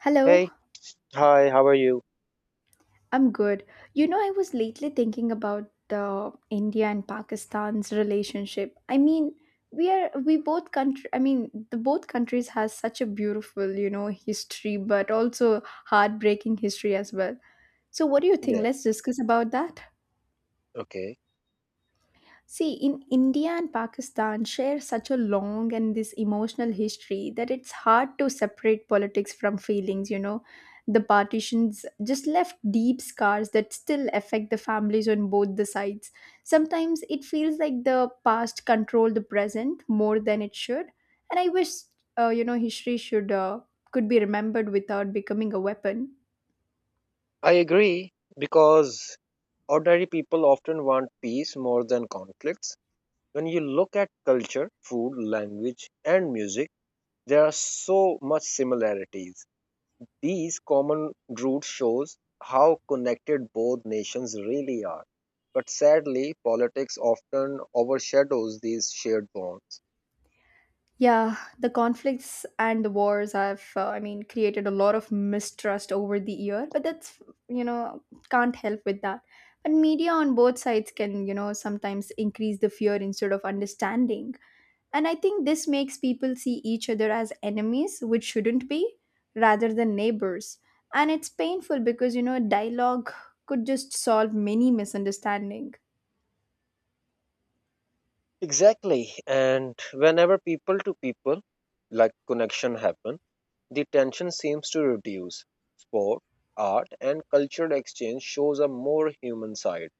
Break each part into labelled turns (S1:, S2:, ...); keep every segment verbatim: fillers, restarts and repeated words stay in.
S1: Hello,
S2: Hey, hi, how are you?
S1: I'm good. You know, I was lately thinking about the India and Pakistan's relationship. I mean, we are we both country. I mean, the both countries has such a beautiful, you know, history, but also heartbreaking history as well. So, what do you think?
S2: Yeah,
S1: Let's discuss about that.
S2: okay.
S1: See, in India and Pakistan share such a long and this emotional history that it's hard to separate politics from feelings, you know. The partitions just left deep scars that still affect the families on both the sides. Sometimes it feels like the past controlled the present more than it should, and I wish uh, you know history should uh, could be remembered without becoming a weapon.
S2: I agree because ordinary people often want peace more than conflicts. When you look at culture, food, language, and music, there are so much similarities. These common roots shows how connected both nations really are. But sadly, politics often overshadows these shared bonds.
S1: Yeah, the conflicts and the wars have, uh, I mean, created a lot of mistrust over the year, but that's, you know, can't help with that. But media on both sides can, you know, sometimes increase the fear instead of understanding. And I think this makes people see each other as enemies, which shouldn't be, rather than neighbors. And it's painful because, you know, dialogue could just solve many misunderstandings.
S2: Exactly. And whenever people to people like connection happen, the tension seems to reduce. Sport, art, and cultural exchange shows a more human side.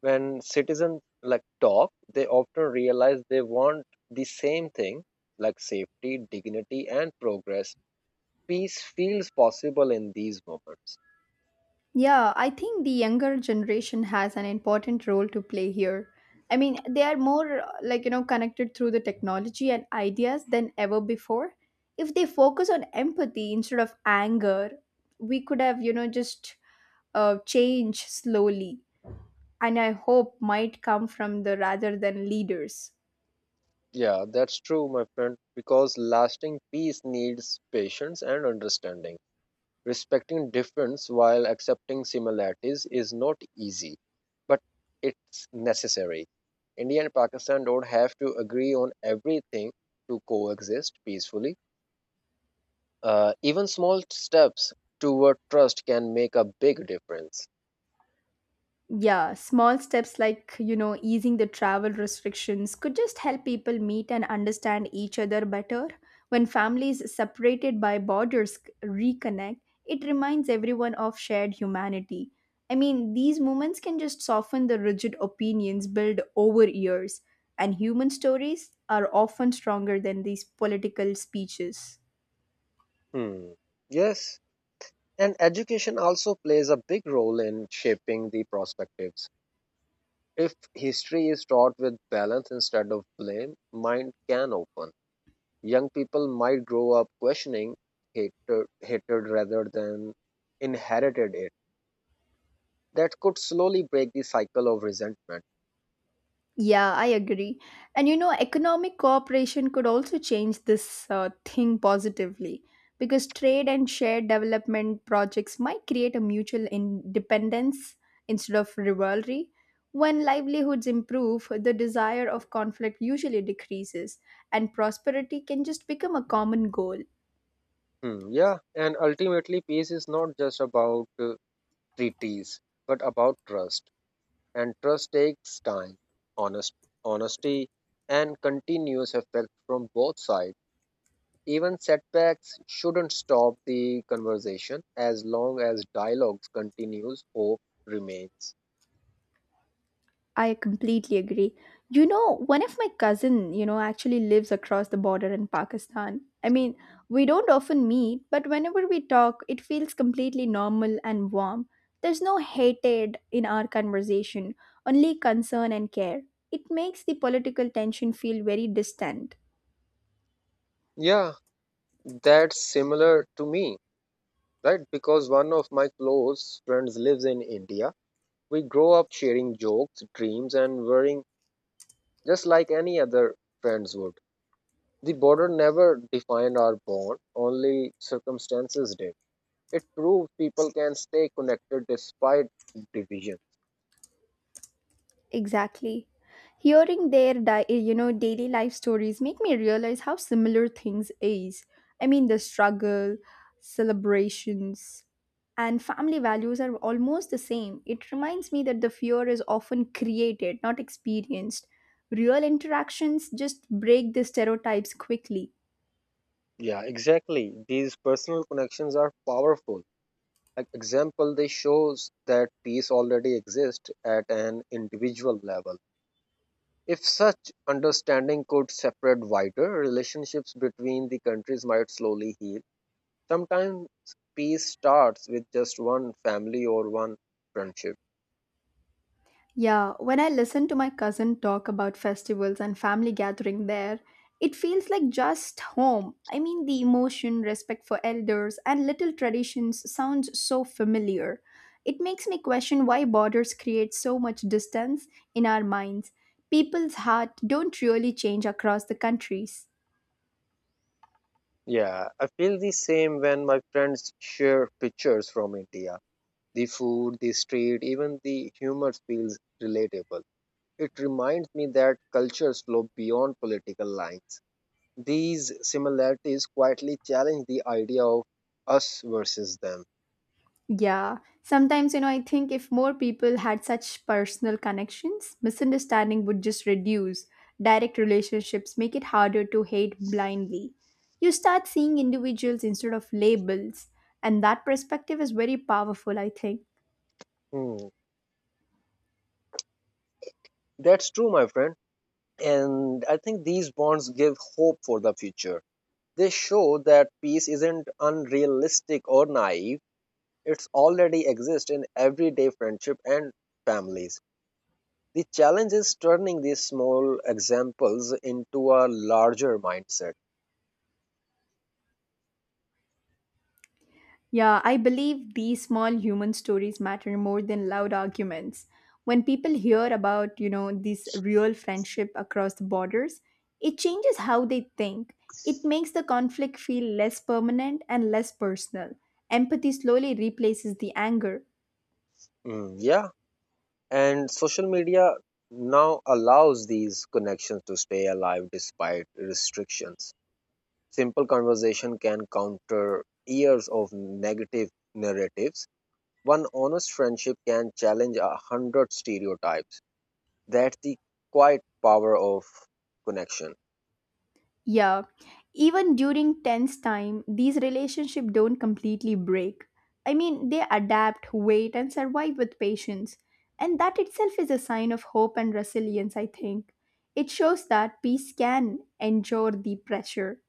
S2: When citizens like talk, they often realize they want the same thing, like safety, dignity, and progress. Peace feels possible in these moments.
S1: Yeah, I think the younger generation has an important role to play here. I mean, they are more uh, like, you know, connected through the technology and ideas than ever before. If they focus on empathy instead of anger, we could have, you know, just uh, change slowly. And I hope might come from the rather than leaders.
S2: Yeah, that's true, my friend, because lasting peace needs patience and understanding. Respecting difference while accepting similarities is not easy, but it's necessary. India and Pakistan don't have to agree on everything to coexist peacefully. Uh, even small steps toward trust can make a big difference.
S1: Yeah, small steps like, you know, easing the travel restrictions could just help people meet and understand each other better. When families separated by borders c- reconnect, it reminds everyone of shared humanity. I mean, these moments can just soften the rigid opinions built over years, and human stories are often stronger than these political speeches.
S2: Hmm. Yes, and education also plays a big role in shaping the perspectives. If history is taught with balance instead of blame, mind can open. Young people might grow up questioning hatred, hatred rather than inherited it. That could slowly break the cycle of resentment.
S1: Yeah, I agree. And you know, economic cooperation could also change this uh, thing positively because trade and shared development projects might create a mutual independence instead of rivalry. When livelihoods improve, the desire of conflict usually decreases, and prosperity can just become a common goal.
S2: Hmm, yeah, and ultimately, peace is not just about uh, treaties, but about trust. And trust takes time, honest, honesty, and continuous effect from both sides. Even setbacks shouldn't stop the conversation as long as dialogues continues, hope remains.
S1: I completely agree. You know, one of my cousin, you know, actually lives across the border in Pakistan. I mean, we don't often meet, but whenever we talk, it feels completely normal and warm. There's no hatred in our conversation, only concern and care. It makes the political tension feel very distant.
S2: Yeah, that's similar to me, right? Because one of my close friends lives in India. We grow up sharing jokes, dreams, and worrying just like any other friends would. The border never defined our bond, only circumstances did. It proves people can stay connected despite division.
S1: Exactly. Hearing their di- you know daily life stories make me realize how similar things is. I mean the struggle, celebrations, and family values are almost the same. It reminds me that the fear is often created, not experienced. Real interactions just break the stereotypes quickly.
S2: Yeah, exactly. These personal connections are powerful. Like example, they shows that peace already exists at an individual level. If such understanding could separate wider, relationships between the countries might slowly heal. Sometimes peace starts with just one family or one friendship.
S1: Yeah, when I listen to my cousin talk about festivals and family gathering there, it feels like just home. I mean, the emotion, respect for elders, and little traditions sounds so familiar. It makes me question why borders create so much distance in our minds. People's heart don't really change across the countries.
S2: Yeah, I feel the same when my friends share pictures from India. The food, the street, even the humor feels relatable. It reminds me that cultures flow beyond political lines. These similarities quietly challenge the idea of us versus them.
S1: Yeah, sometimes, you know, I think if more people had such personal connections, misunderstanding would just reduce. Direct relationships make it harder to hate blindly. You start seeing individuals instead of labels, and that perspective is very powerful, I think.
S2: Hmm. That's true, my friend. And I think these bonds give hope for the future. They show that peace isn't unrealistic or naive, it's already exists in everyday friendship and families. The challenge is turning these small examples into a larger mindset.
S1: Yeah, I believe these small human stories matter more than loud arguments. When people hear about, you know, this real friendship across the borders, it changes how they think. It makes the conflict feel less permanent and less personal. Empathy slowly replaces the anger.
S2: Mm, yeah, and social media now allows these connections to stay alive despite restrictions. Simple conversation can counter years of negative narratives. One honest friendship can challenge a hundred stereotypes. That's the quiet power of connection.
S1: Yeah, even during tense time, these relationships don't completely break. I mean, they adapt, wait, and survive with patience. And that itself is a sign of hope and resilience, I think. It shows that peace can endure the pressure.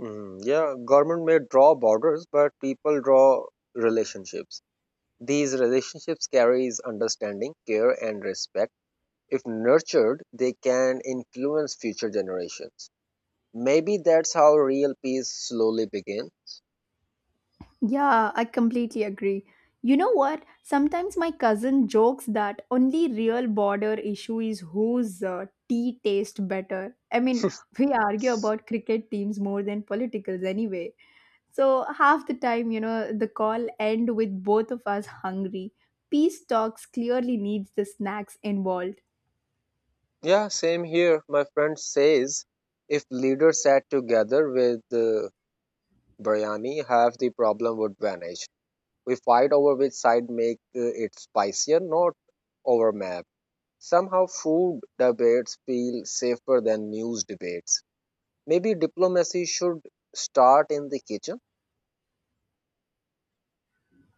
S2: Mm, yeah, government may draw borders, but people draw relationships. These relationships carries understanding, care, and respect. If nurtured, they can influence future generations. Maybe that's how real peace slowly begins.
S1: Yeah, I completely agree. You know what? Sometimes my cousin jokes that only real border issue is whose uh, tea tastes better. I mean, we argue about cricket teams more than politicals anyway. So half the time, you know, the call end with both of us hungry. Peace talks clearly needs the snacks involved.
S2: Yeah, same here. My friend says if leaders sat together with uh, biryani, half the problem would vanish. We fight over which side make uh, it spicier, not over map. Somehow food debates feel safer than news debates. Maybe diplomacy should start in the kitchen.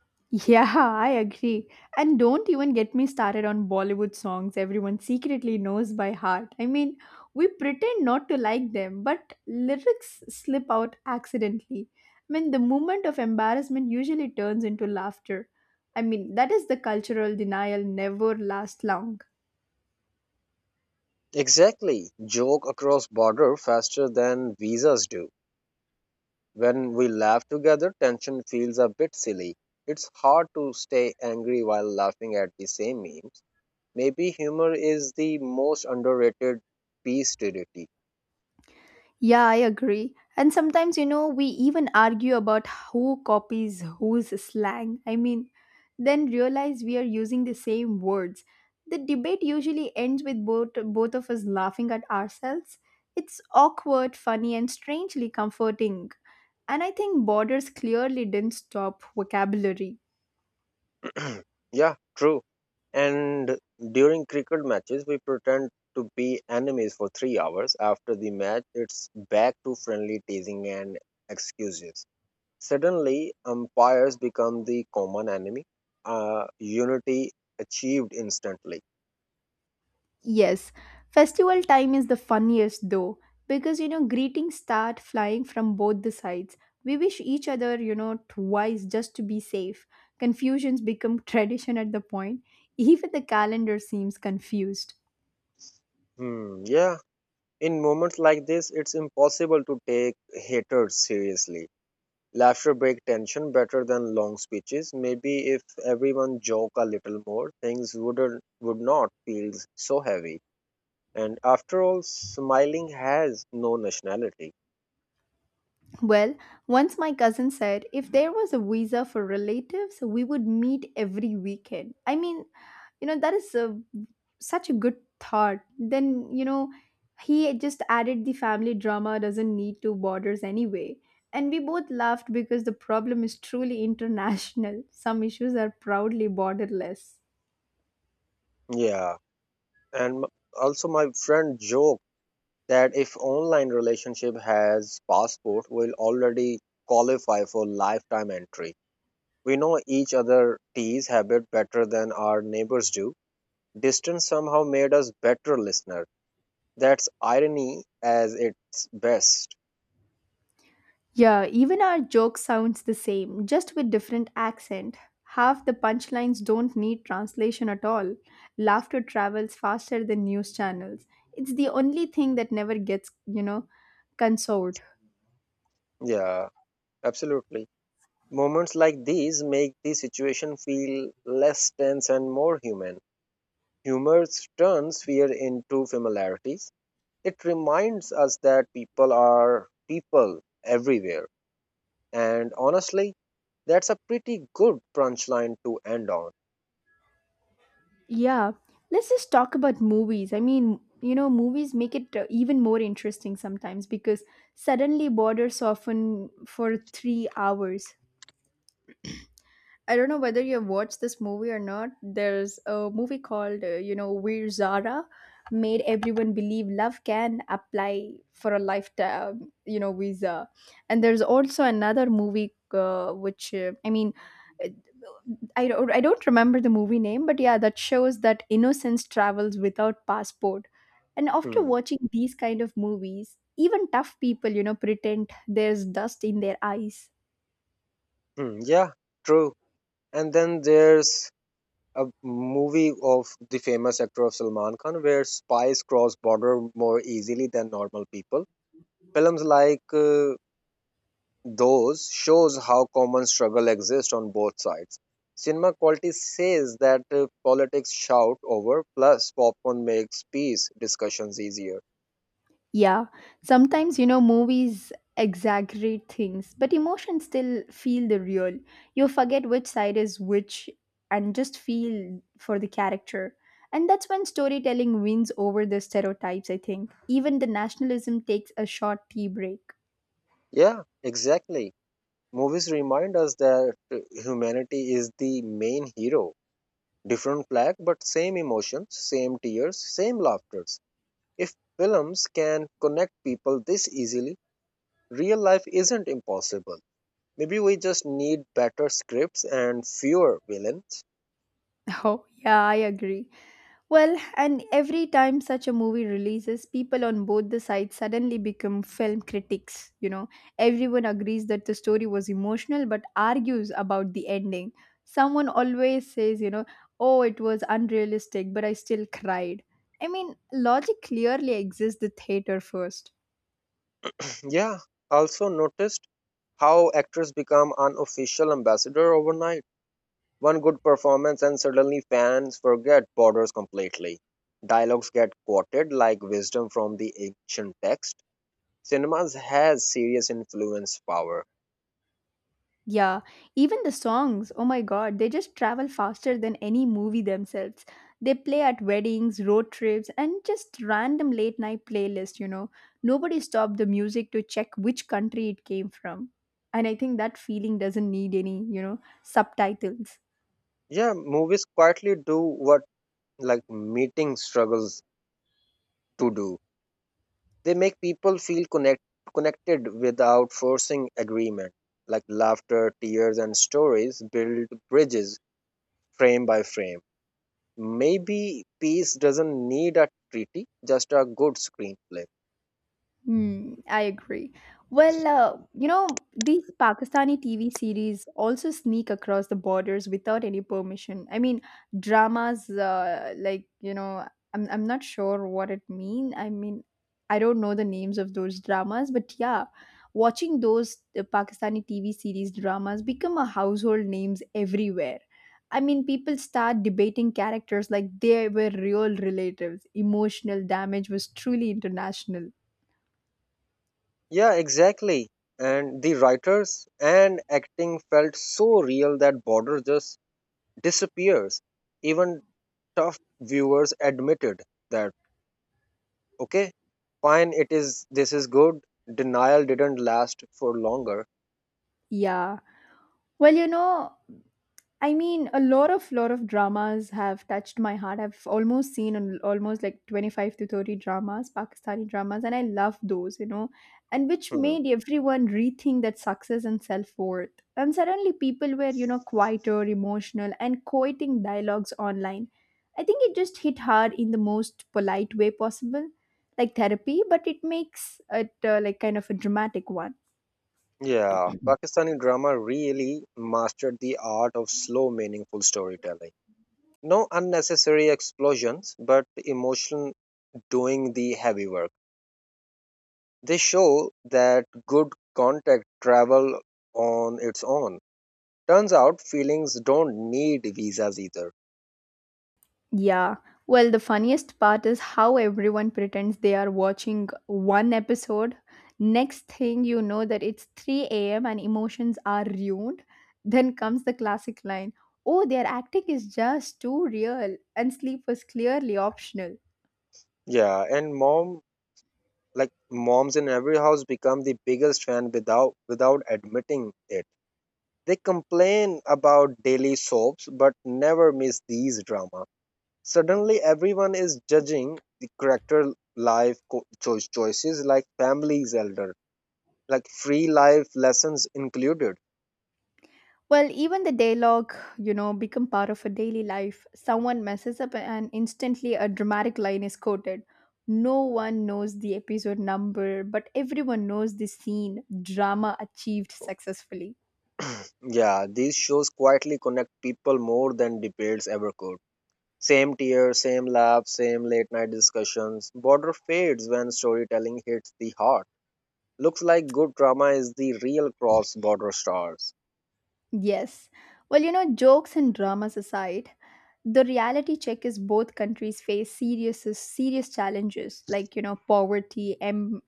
S1: Yeah, I agree. And don't even get me started on Bollywood songs everyone secretly knows by heart. I mean, we pretend not to like them, but lyrics slip out accidentally. I mean, the moment of embarrassment usually turns into laughter. I mean, that is the cultural denial never lasts long.
S2: Exactly. Joke across border faster than visas do. When we laugh together, tension feels a bit silly. It's hard to stay angry while laughing at the same memes. Maybe humor is the most underrated piece to duty.
S1: Yeah, I agree. And sometimes, you know, we even argue about who copies whose slang. I mean, then realize we are using the same words. The debate usually ends with both both of us laughing at ourselves. It's awkward, funny, and strangely comforting. And I think borders clearly didn't stop vocabulary.
S2: Yeah, true. And during cricket matches, we pretend to be enemies for three hours. After the match, it's back to friendly teasing and excuses. Suddenly, umpires become the common enemy. Uh, unity achieved instantly.
S1: Yes, festival time is the funniest though, because you know, greetings start flying from both the sides. We wish each other, you know, twice just to be safe. Confusions become tradition at the point. Even the calendar seems confused.
S2: Hmm, yeah, in moments like this, it's impossible to take haters seriously. Laughter breaks tension better than long speeches. Maybe if everyone joke a little more, things wouldn't would not feel so heavy. And after all, smiling has no nationality.
S1: Well, once my cousin said if there was a visa for relatives, we would meet every weekend. I mean, you know, that is uh, such a good thought. Then you know he just added the family drama doesn't need two borders anyway, and we both laughed because the problem is truly international. Some issues are proudly borderless.
S2: Yeah, and m- also my friend joked that if online relationship has passport, we'll already qualify for lifetime entry. We know each other tea's habit better than our neighbors do. Distance somehow made us better listeners. That's irony as its best.
S1: Yeah, even our joke sounds the same, just with different accent. Half the punchlines don't need translation at all. Laughter travels faster than news channels. It's the only thing that never gets, you know, consoled.
S2: Yeah, absolutely. Moments like these make the situation feel less tense and more human. Humor turns fear into familiarities. It reminds us that people are people everywhere. And honestly, that's a pretty good punchline to end on.
S1: Yeah, let's just talk about movies. I mean, you know, movies make it uh, even more interesting sometimes because suddenly borders often for three hours. I don't know whether you've watched this movie or not. There's a movie called, uh, you know, We're Zara, made everyone believe love can apply for a lifetime, you know, visa. And there's also another movie uh, which, uh, I mean, uh, I don't, I don't remember the movie name, but yeah, that shows that innocence travels without passport. And after
S2: Hmm.
S1: watching these kind of movies, even tough people, you know, pretend there's dust in their eyes.
S2: Hmm. Yeah, true. And then there's a movie of the famous actor of Salman Khan, where spies cross border more easily than normal people. Films like uh, those shows how common struggle exists on both sides. Cinema quality says that uh, politics shout over, plus popcorn makes peace discussions easier.
S1: Yeah, sometimes you know movies exaggerate things, but emotions still feel the real. You forget which side is which and just feel for the character. And that's when storytelling wins over the stereotypes, I think. Even the nationalism takes a short tea break.
S2: Yeah, exactly. Movies remind us that uh, humanity is the main hero. Different flag, but same emotions, same tears, same laughter. If films can connect people this easily, real life isn't impossible. Maybe we just need better scripts and fewer villains.
S1: Oh, yeah, I agree. Well, and every time such a movie releases, people on both the sides suddenly become film critics. You know, everyone agrees that the story was emotional but argues about the ending. Someone always says, you know, oh, it was unrealistic, but I still cried. I mean, logic clearly exits the theater first.
S2: Yeah, also noticed how actors become unofficial ambassador overnight. One good performance and suddenly fans forget borders completely. Dialogues get quoted like wisdom from the ancient text. Cinemas has serious influence power.
S1: Yeah, even the songs, oh my god, they just travel faster than any movie themselves. They play at weddings, road trips, and just random late night playlists, you know. Nobody stopped the music to check which country it came from. And I think that feeling doesn't need any, you know, subtitles.
S2: Yeah, movies quietly do what like meeting struggles to do. They make people feel connect, connected without forcing agreement. Like laughter, tears, and stories build bridges frame by frame. Maybe peace doesn't need a treaty, just a good screenplay.
S1: Hmm, I agree. Well, uh, you know, these Pakistani T V series also sneak across the borders without any permission. I mean, dramas, uh, like, you know, I'm, I'm not sure what it mean. I mean, I don't know the names of those dramas, but yeah, watching those uh, Pakistani T V series dramas become a household names everywhere. I mean, people start debating characters like they were real relatives. Emotional damage was truly international.
S2: Yeah, exactly. And the writers and acting felt so real that border just disappears. Even tough viewers admitted that, okay, fine, it is, this is good, denial didn't last for longer.
S1: Yeah. Well, you know, I mean, a lot of lot of dramas have touched my heart. I've almost seen an, almost like twenty-five to thirty dramas, Pakistani dramas, and I love those, you know, and which
S2: Hmm.
S1: made everyone rethink that success and self-worth. And suddenly people were, you know, quieter, emotional, and quoting dialogues online. I think it just hit hard in the most polite way possible, like therapy, but it makes it uh, like kind of a dramatic one.
S2: Yeah, Pakistani drama really mastered the art of slow, meaningful storytelling. No unnecessary explosions, but emotion doing the heavy work. They show that good contact travel on its own. Turns out feelings don't need visas either.
S1: Yeah. Well, the funniest part is how everyone pretends they are watching one episode. Next thing you know that it's three a m and emotions are ruined. Then comes the classic line, "Oh, their acting is just too real and sleep was clearly optional."
S2: Yeah, and mom, like moms in every house become the biggest fan without without admitting it. They complain about daily soaps but never miss these drama. Suddenly, everyone is judging the character life co- choice choices like families elder, like free life lessons included.
S1: Well, even the dialogue, you know, become part of a daily life. Someone messes up and instantly a dramatic line is quoted. No one knows the episode number, but everyone knows the scene. Drama achieved successfully.
S2: Yeah, these shows quietly connect people more than debates ever could. Same tears, same laughs, same late night discussions. Border fades when storytelling hits the heart. Looks like good drama is the real cross border stars.
S1: Yes. Well, you know, jokes and dramas aside, the reality check is both countries face serious serious challenges like you know poverty, em-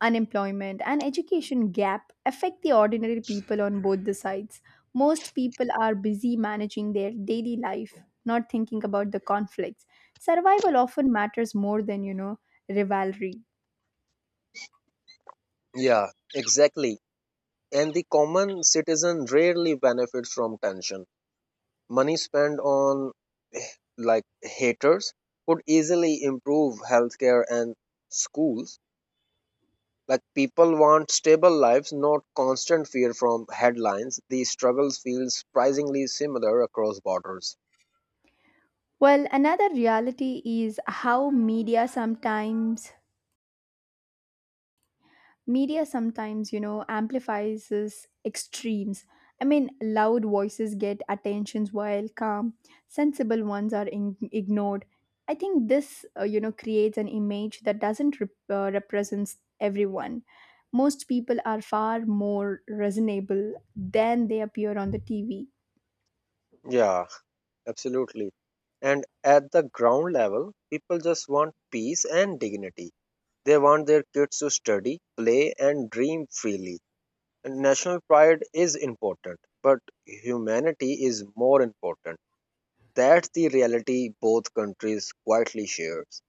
S1: unemployment, and education gap affect the ordinary people on both the sides. Most people are busy managing their daily life, not thinking about the conflicts. Survival often matters more than, you know, rivalry.
S2: Yeah, exactly. And the common citizen rarely benefits from tension. Money spent on like haters could easily improve healthcare and schools. Like people want stable lives, not constant fear from headlines. These struggles feel surprisingly similar across borders.
S1: Well, another reality is how media sometimes media sometimes you know amplifies this extremes. I mean loud voices get attentions while calm sensible ones are in- ignored. I think this uh, you know creates an image that doesn't rep- uh, represents everyone. Most people are far more reasonable than they appear on the TV.
S2: Yeah, absolutely. And at the ground level, people just want peace and dignity. They want their kids to study, play, and dream freely. And national pride is important, but humanity is more important. That's the reality both countries quietly shares.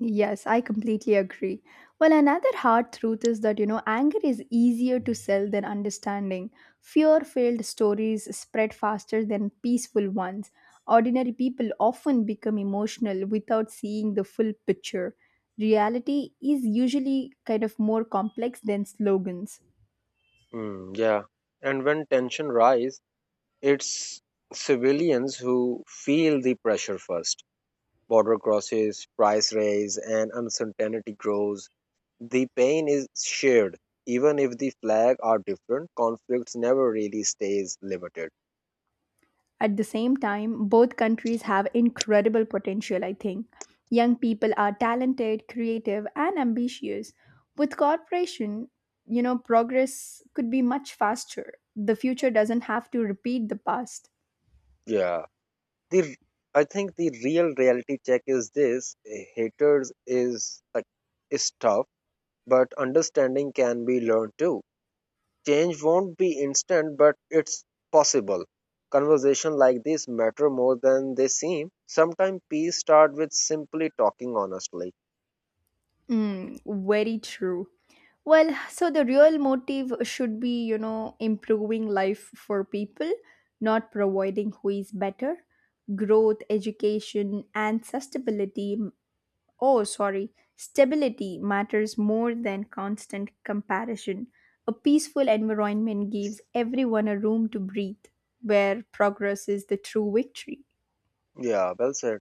S1: Yes, I completely agree. Well, another hard truth is that, you know, anger is easier to sell than understanding. Fear filled stories spread faster than peaceful ones. Ordinary people often become emotional without seeing the full picture. Reality is usually kind of more complex than slogans.
S2: Mm, yeah. And when tension rise, it's civilians who feel the pressure first. Border crosses, price rise, and uncertainty grows. The pain is shared. Even if the flag are different, conflicts never really stays limited.
S1: At the same time, both countries have incredible potential, I think. Young people are talented, creative, and ambitious. With cooperation, you know, progress could be much faster. The future doesn't have to repeat the past.
S2: Yeah. The I think the real reality check is this. Haters is like is tough, but understanding can be learned too. Change won't be instant, but it's possible. Conversation like this matter more than they seem. Sometimes peace start with simply talking honestly.
S1: Mm, very true. Well, so the real motive should be, you know, improving life for people, not providing who is better. Growth, education, and sustainability. Oh, sorry. Stability matters more than constant comparison. A peaceful environment gives everyone a room to breathe, where progress is the true victory.
S2: Yeah, well said.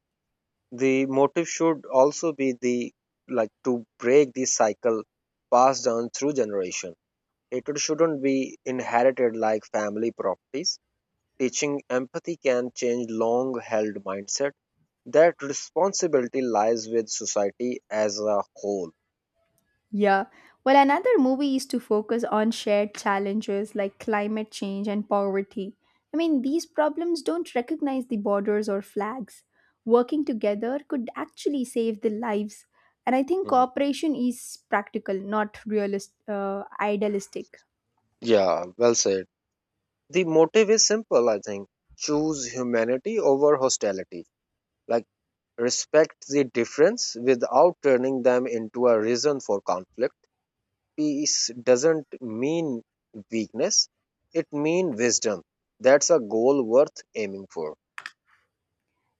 S2: The motive should also be the Like, to break the cycle passed down through generation. Hatred shouldn't be inherited like family properties. Teaching empathy can change long-held mindset. That responsibility lies with society as a whole.
S1: Yeah. Well, another movie is to focus on shared challenges like climate change and poverty. I mean, these problems don't recognize the borders or flags. Working together could actually save the lives. And I think
S2: Mhm.
S1: cooperation is practical, not realist, uh, idealistic.
S2: Yeah, well said. The motive is simple, I think. Choose humanity over hostility. Like, respect the difference without turning them into a reason for conflict. Peace doesn't mean weakness, it means wisdom. That's a goal worth aiming for.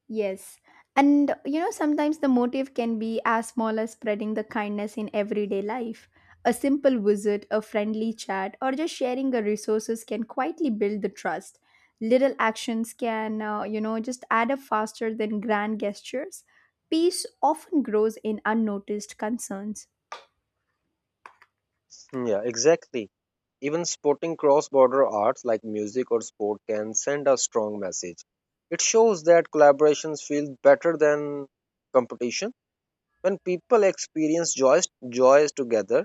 S1: Yes. And you know, sometimes the motive can be as small as spreading the kindness in everyday life. A simple visit, a friendly chat, or just sharing the resources can quietly build the trust. Little actions can, uh, you know, just add up faster than grand gestures. Peace often grows in unnoticed concerns.
S2: Hmm, yeah, exactly. Even sporting cross border arts like music or sport can send a strong message. It shows that collaborations feel better than competition. When people experience joys, joys together,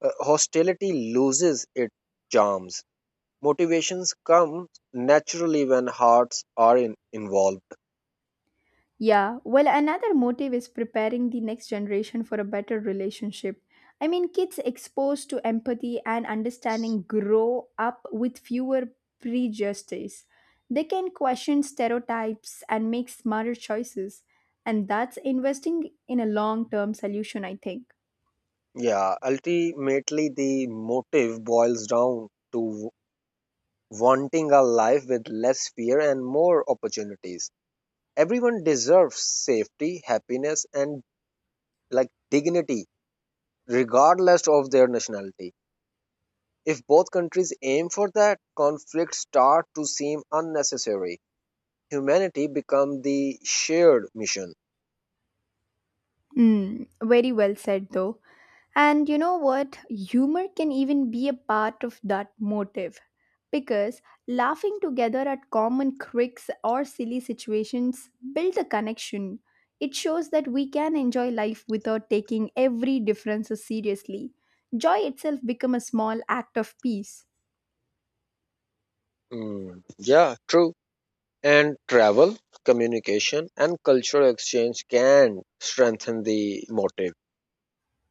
S2: Uh, hostility loses its charms. Motivations come naturally when hearts are in, involved.
S1: Yeah, well, another motive is preparing the next generation for a better relationship. I mean, kids exposed to empathy and understanding grow up with fewer prejudices. They can question stereotypes and make smarter choices. And that's investing in a long term solution, I think.
S2: Yeah, ultimately, the motive boils down to wanting a life with less fear and more opportunities. Everyone deserves safety, happiness, and like dignity, regardless of their nationality. If both countries aim for that, conflicts start to seem unnecessary. Humanity becomes the shared mission.
S1: Mm, very well said, though. And you know what? Humor can even be a part of that motive. Because laughing together at common quirks or silly situations builds a connection. It shows that we can enjoy life without taking every difference seriously. Joy itself becomes a small act of peace.
S2: Mm, yeah, true. And travel, communication, and cultural exchange can strengthen the motive.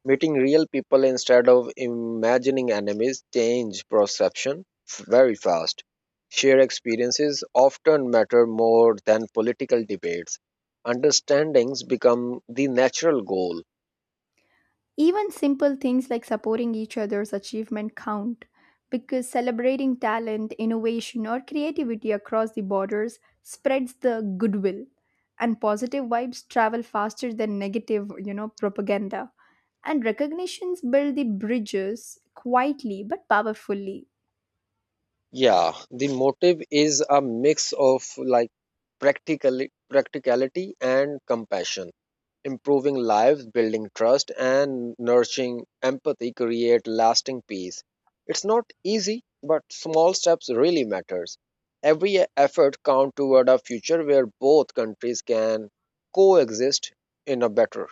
S2: Meeting real people instead of imagining enemies change perception f- very fast. Shared experiences often matter more than political debates. Understandings become the natural goal.
S1: Even simple things like supporting each other's achievement count, because celebrating talent, innovation, or creativity across the borders spreads the goodwill and positive vibes travel faster than negative, you know, propaganda. And recognitions build the bridges quietly but powerfully.
S2: Yeah, the motive is a mix of like practicali- practicality and compassion. Improving lives, building trust, and nurturing empathy create lasting peace. It's not easy, but small steps really matters. Every effort counts toward a future where both countries can coexist in a better.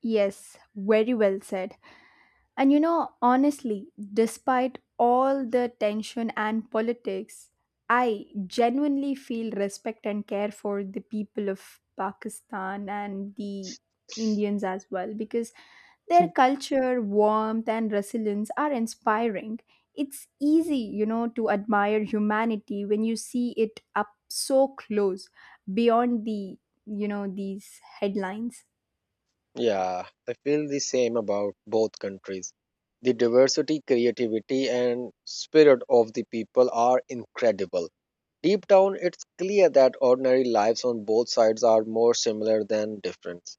S1: Yes, very well said. And you know, honestly, despite all the tension and politics, I genuinely feel respect and care for the people of Pakistan and the Indians as well, because their
S2: Hmm.
S1: culture, warmth, and resilience are inspiring. It's easy, you know, to admire humanity when you see it up so close beyond the, you know, these headlines.
S2: Yeah, I feel the same about both countries. The diversity, creativity, and spirit of the people are incredible. Deep down, it's clear that ordinary lives on both sides are more similar than different.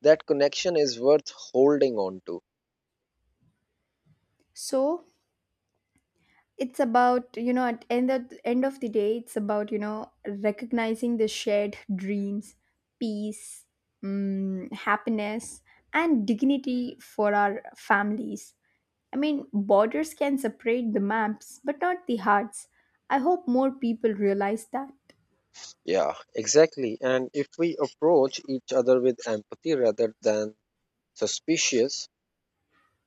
S2: That connection is worth holding on to.
S1: So, it's about, you know, at end of, end of the day, it's about, you know, recognizing the shared dreams, peace, mm, happiness, and dignity for our families. I mean, borders can separate the maps but not the hearts. I hope more people realize that.
S2: Yeah, exactly. And if we approach each other with empathy rather than suspicious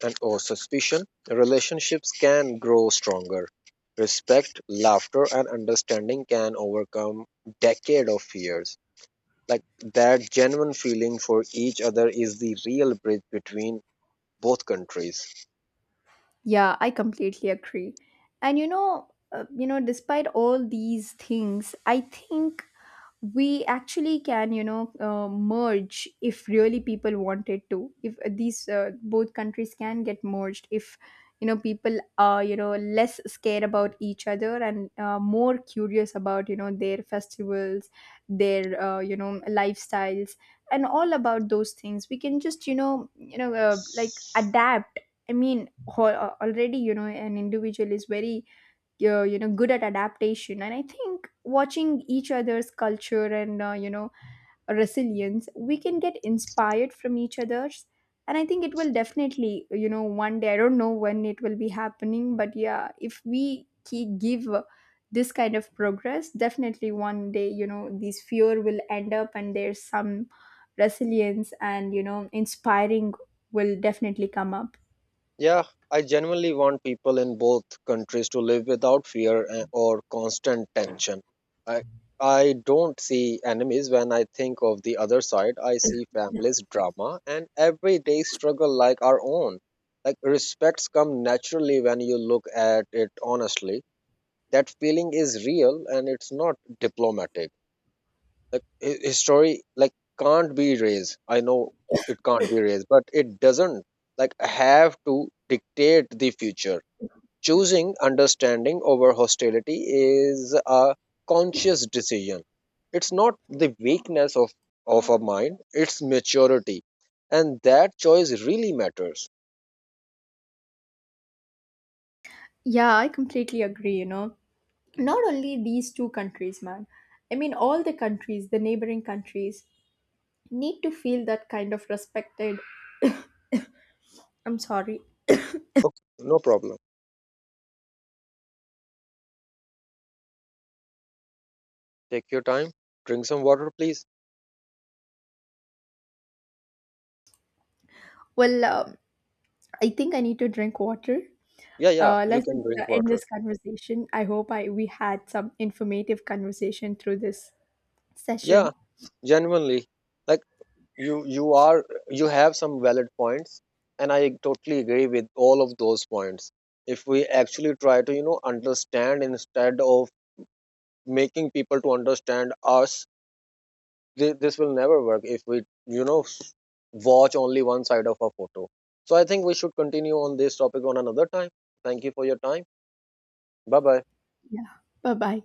S2: and or suspicion, relationships can grow stronger. Respect, laughter, and understanding can overcome decade of fears. Like that genuine feeling for each other is the real bridge between both countries.
S1: Yeah, I completely agree. And you know, uh, you know, despite all these things, I think we actually can, you know, uh, merge if really people wanted to. If these uh, both countries can get merged, if you know people are, you know, less scared about each other and uh, more curious about, you know, their festivals, their, uh, you know, lifestyles, and all about those things, we can just, you know, you know, uh, like adapt. I mean, ho- uh, already, you know, an individual is very, uh, you know, good at adaptation. And I think watching each other's culture and, uh, you know, resilience, we can get inspired from each other's. And I think it will definitely, you know, one day, I don't know when it will be happening, but yeah, if we keep, give uh, this kind of progress, definitely one day, you know, this fear will end up and there's some resilience and, you know, inspiring will definitely come up.
S2: Yeah, I genuinely want people in both countries to live without fear a- or constant tension. I I don't see enemies when I think of the other side. I see families, drama, and everyday struggle like our own. Like respects come naturally when you look at it honestly. That feeling is real and it's not diplomatic. Like hi- his story like can't be erased. I know it can't be erased, but it doesn't like have to dictate the future. Choosing understanding over hostility is a conscious decision. It's not the weakness of of a mind, it's maturity, and that choice really matters.
S1: Yeah, I completely agree, you know. Not only these two countries, man. I mean all the countries, the neighboring countries need to feel that kind of respected. I'm sorry.
S2: Okay, no problem, take your time, drink some water please.
S1: Well, um, I think I need to drink water.
S2: Yeah, yeah,
S1: Uh,
S2: you
S1: let's
S2: can
S1: uh,
S2: drink
S1: end
S2: water.
S1: this conversation. I hope I we had some informative conversation through this session.
S2: Yeah, genuinely, like, you you are you have some valid points, and I totally agree with all of those points. If we actually try to, you know, understand instead of making people to understand us, th- this will never work if we, you know, s- watch only one side of a photo. So I think we should continue on this topic on another time. Thank you for your time. Bye bye.
S1: Yeah. Bye-bye.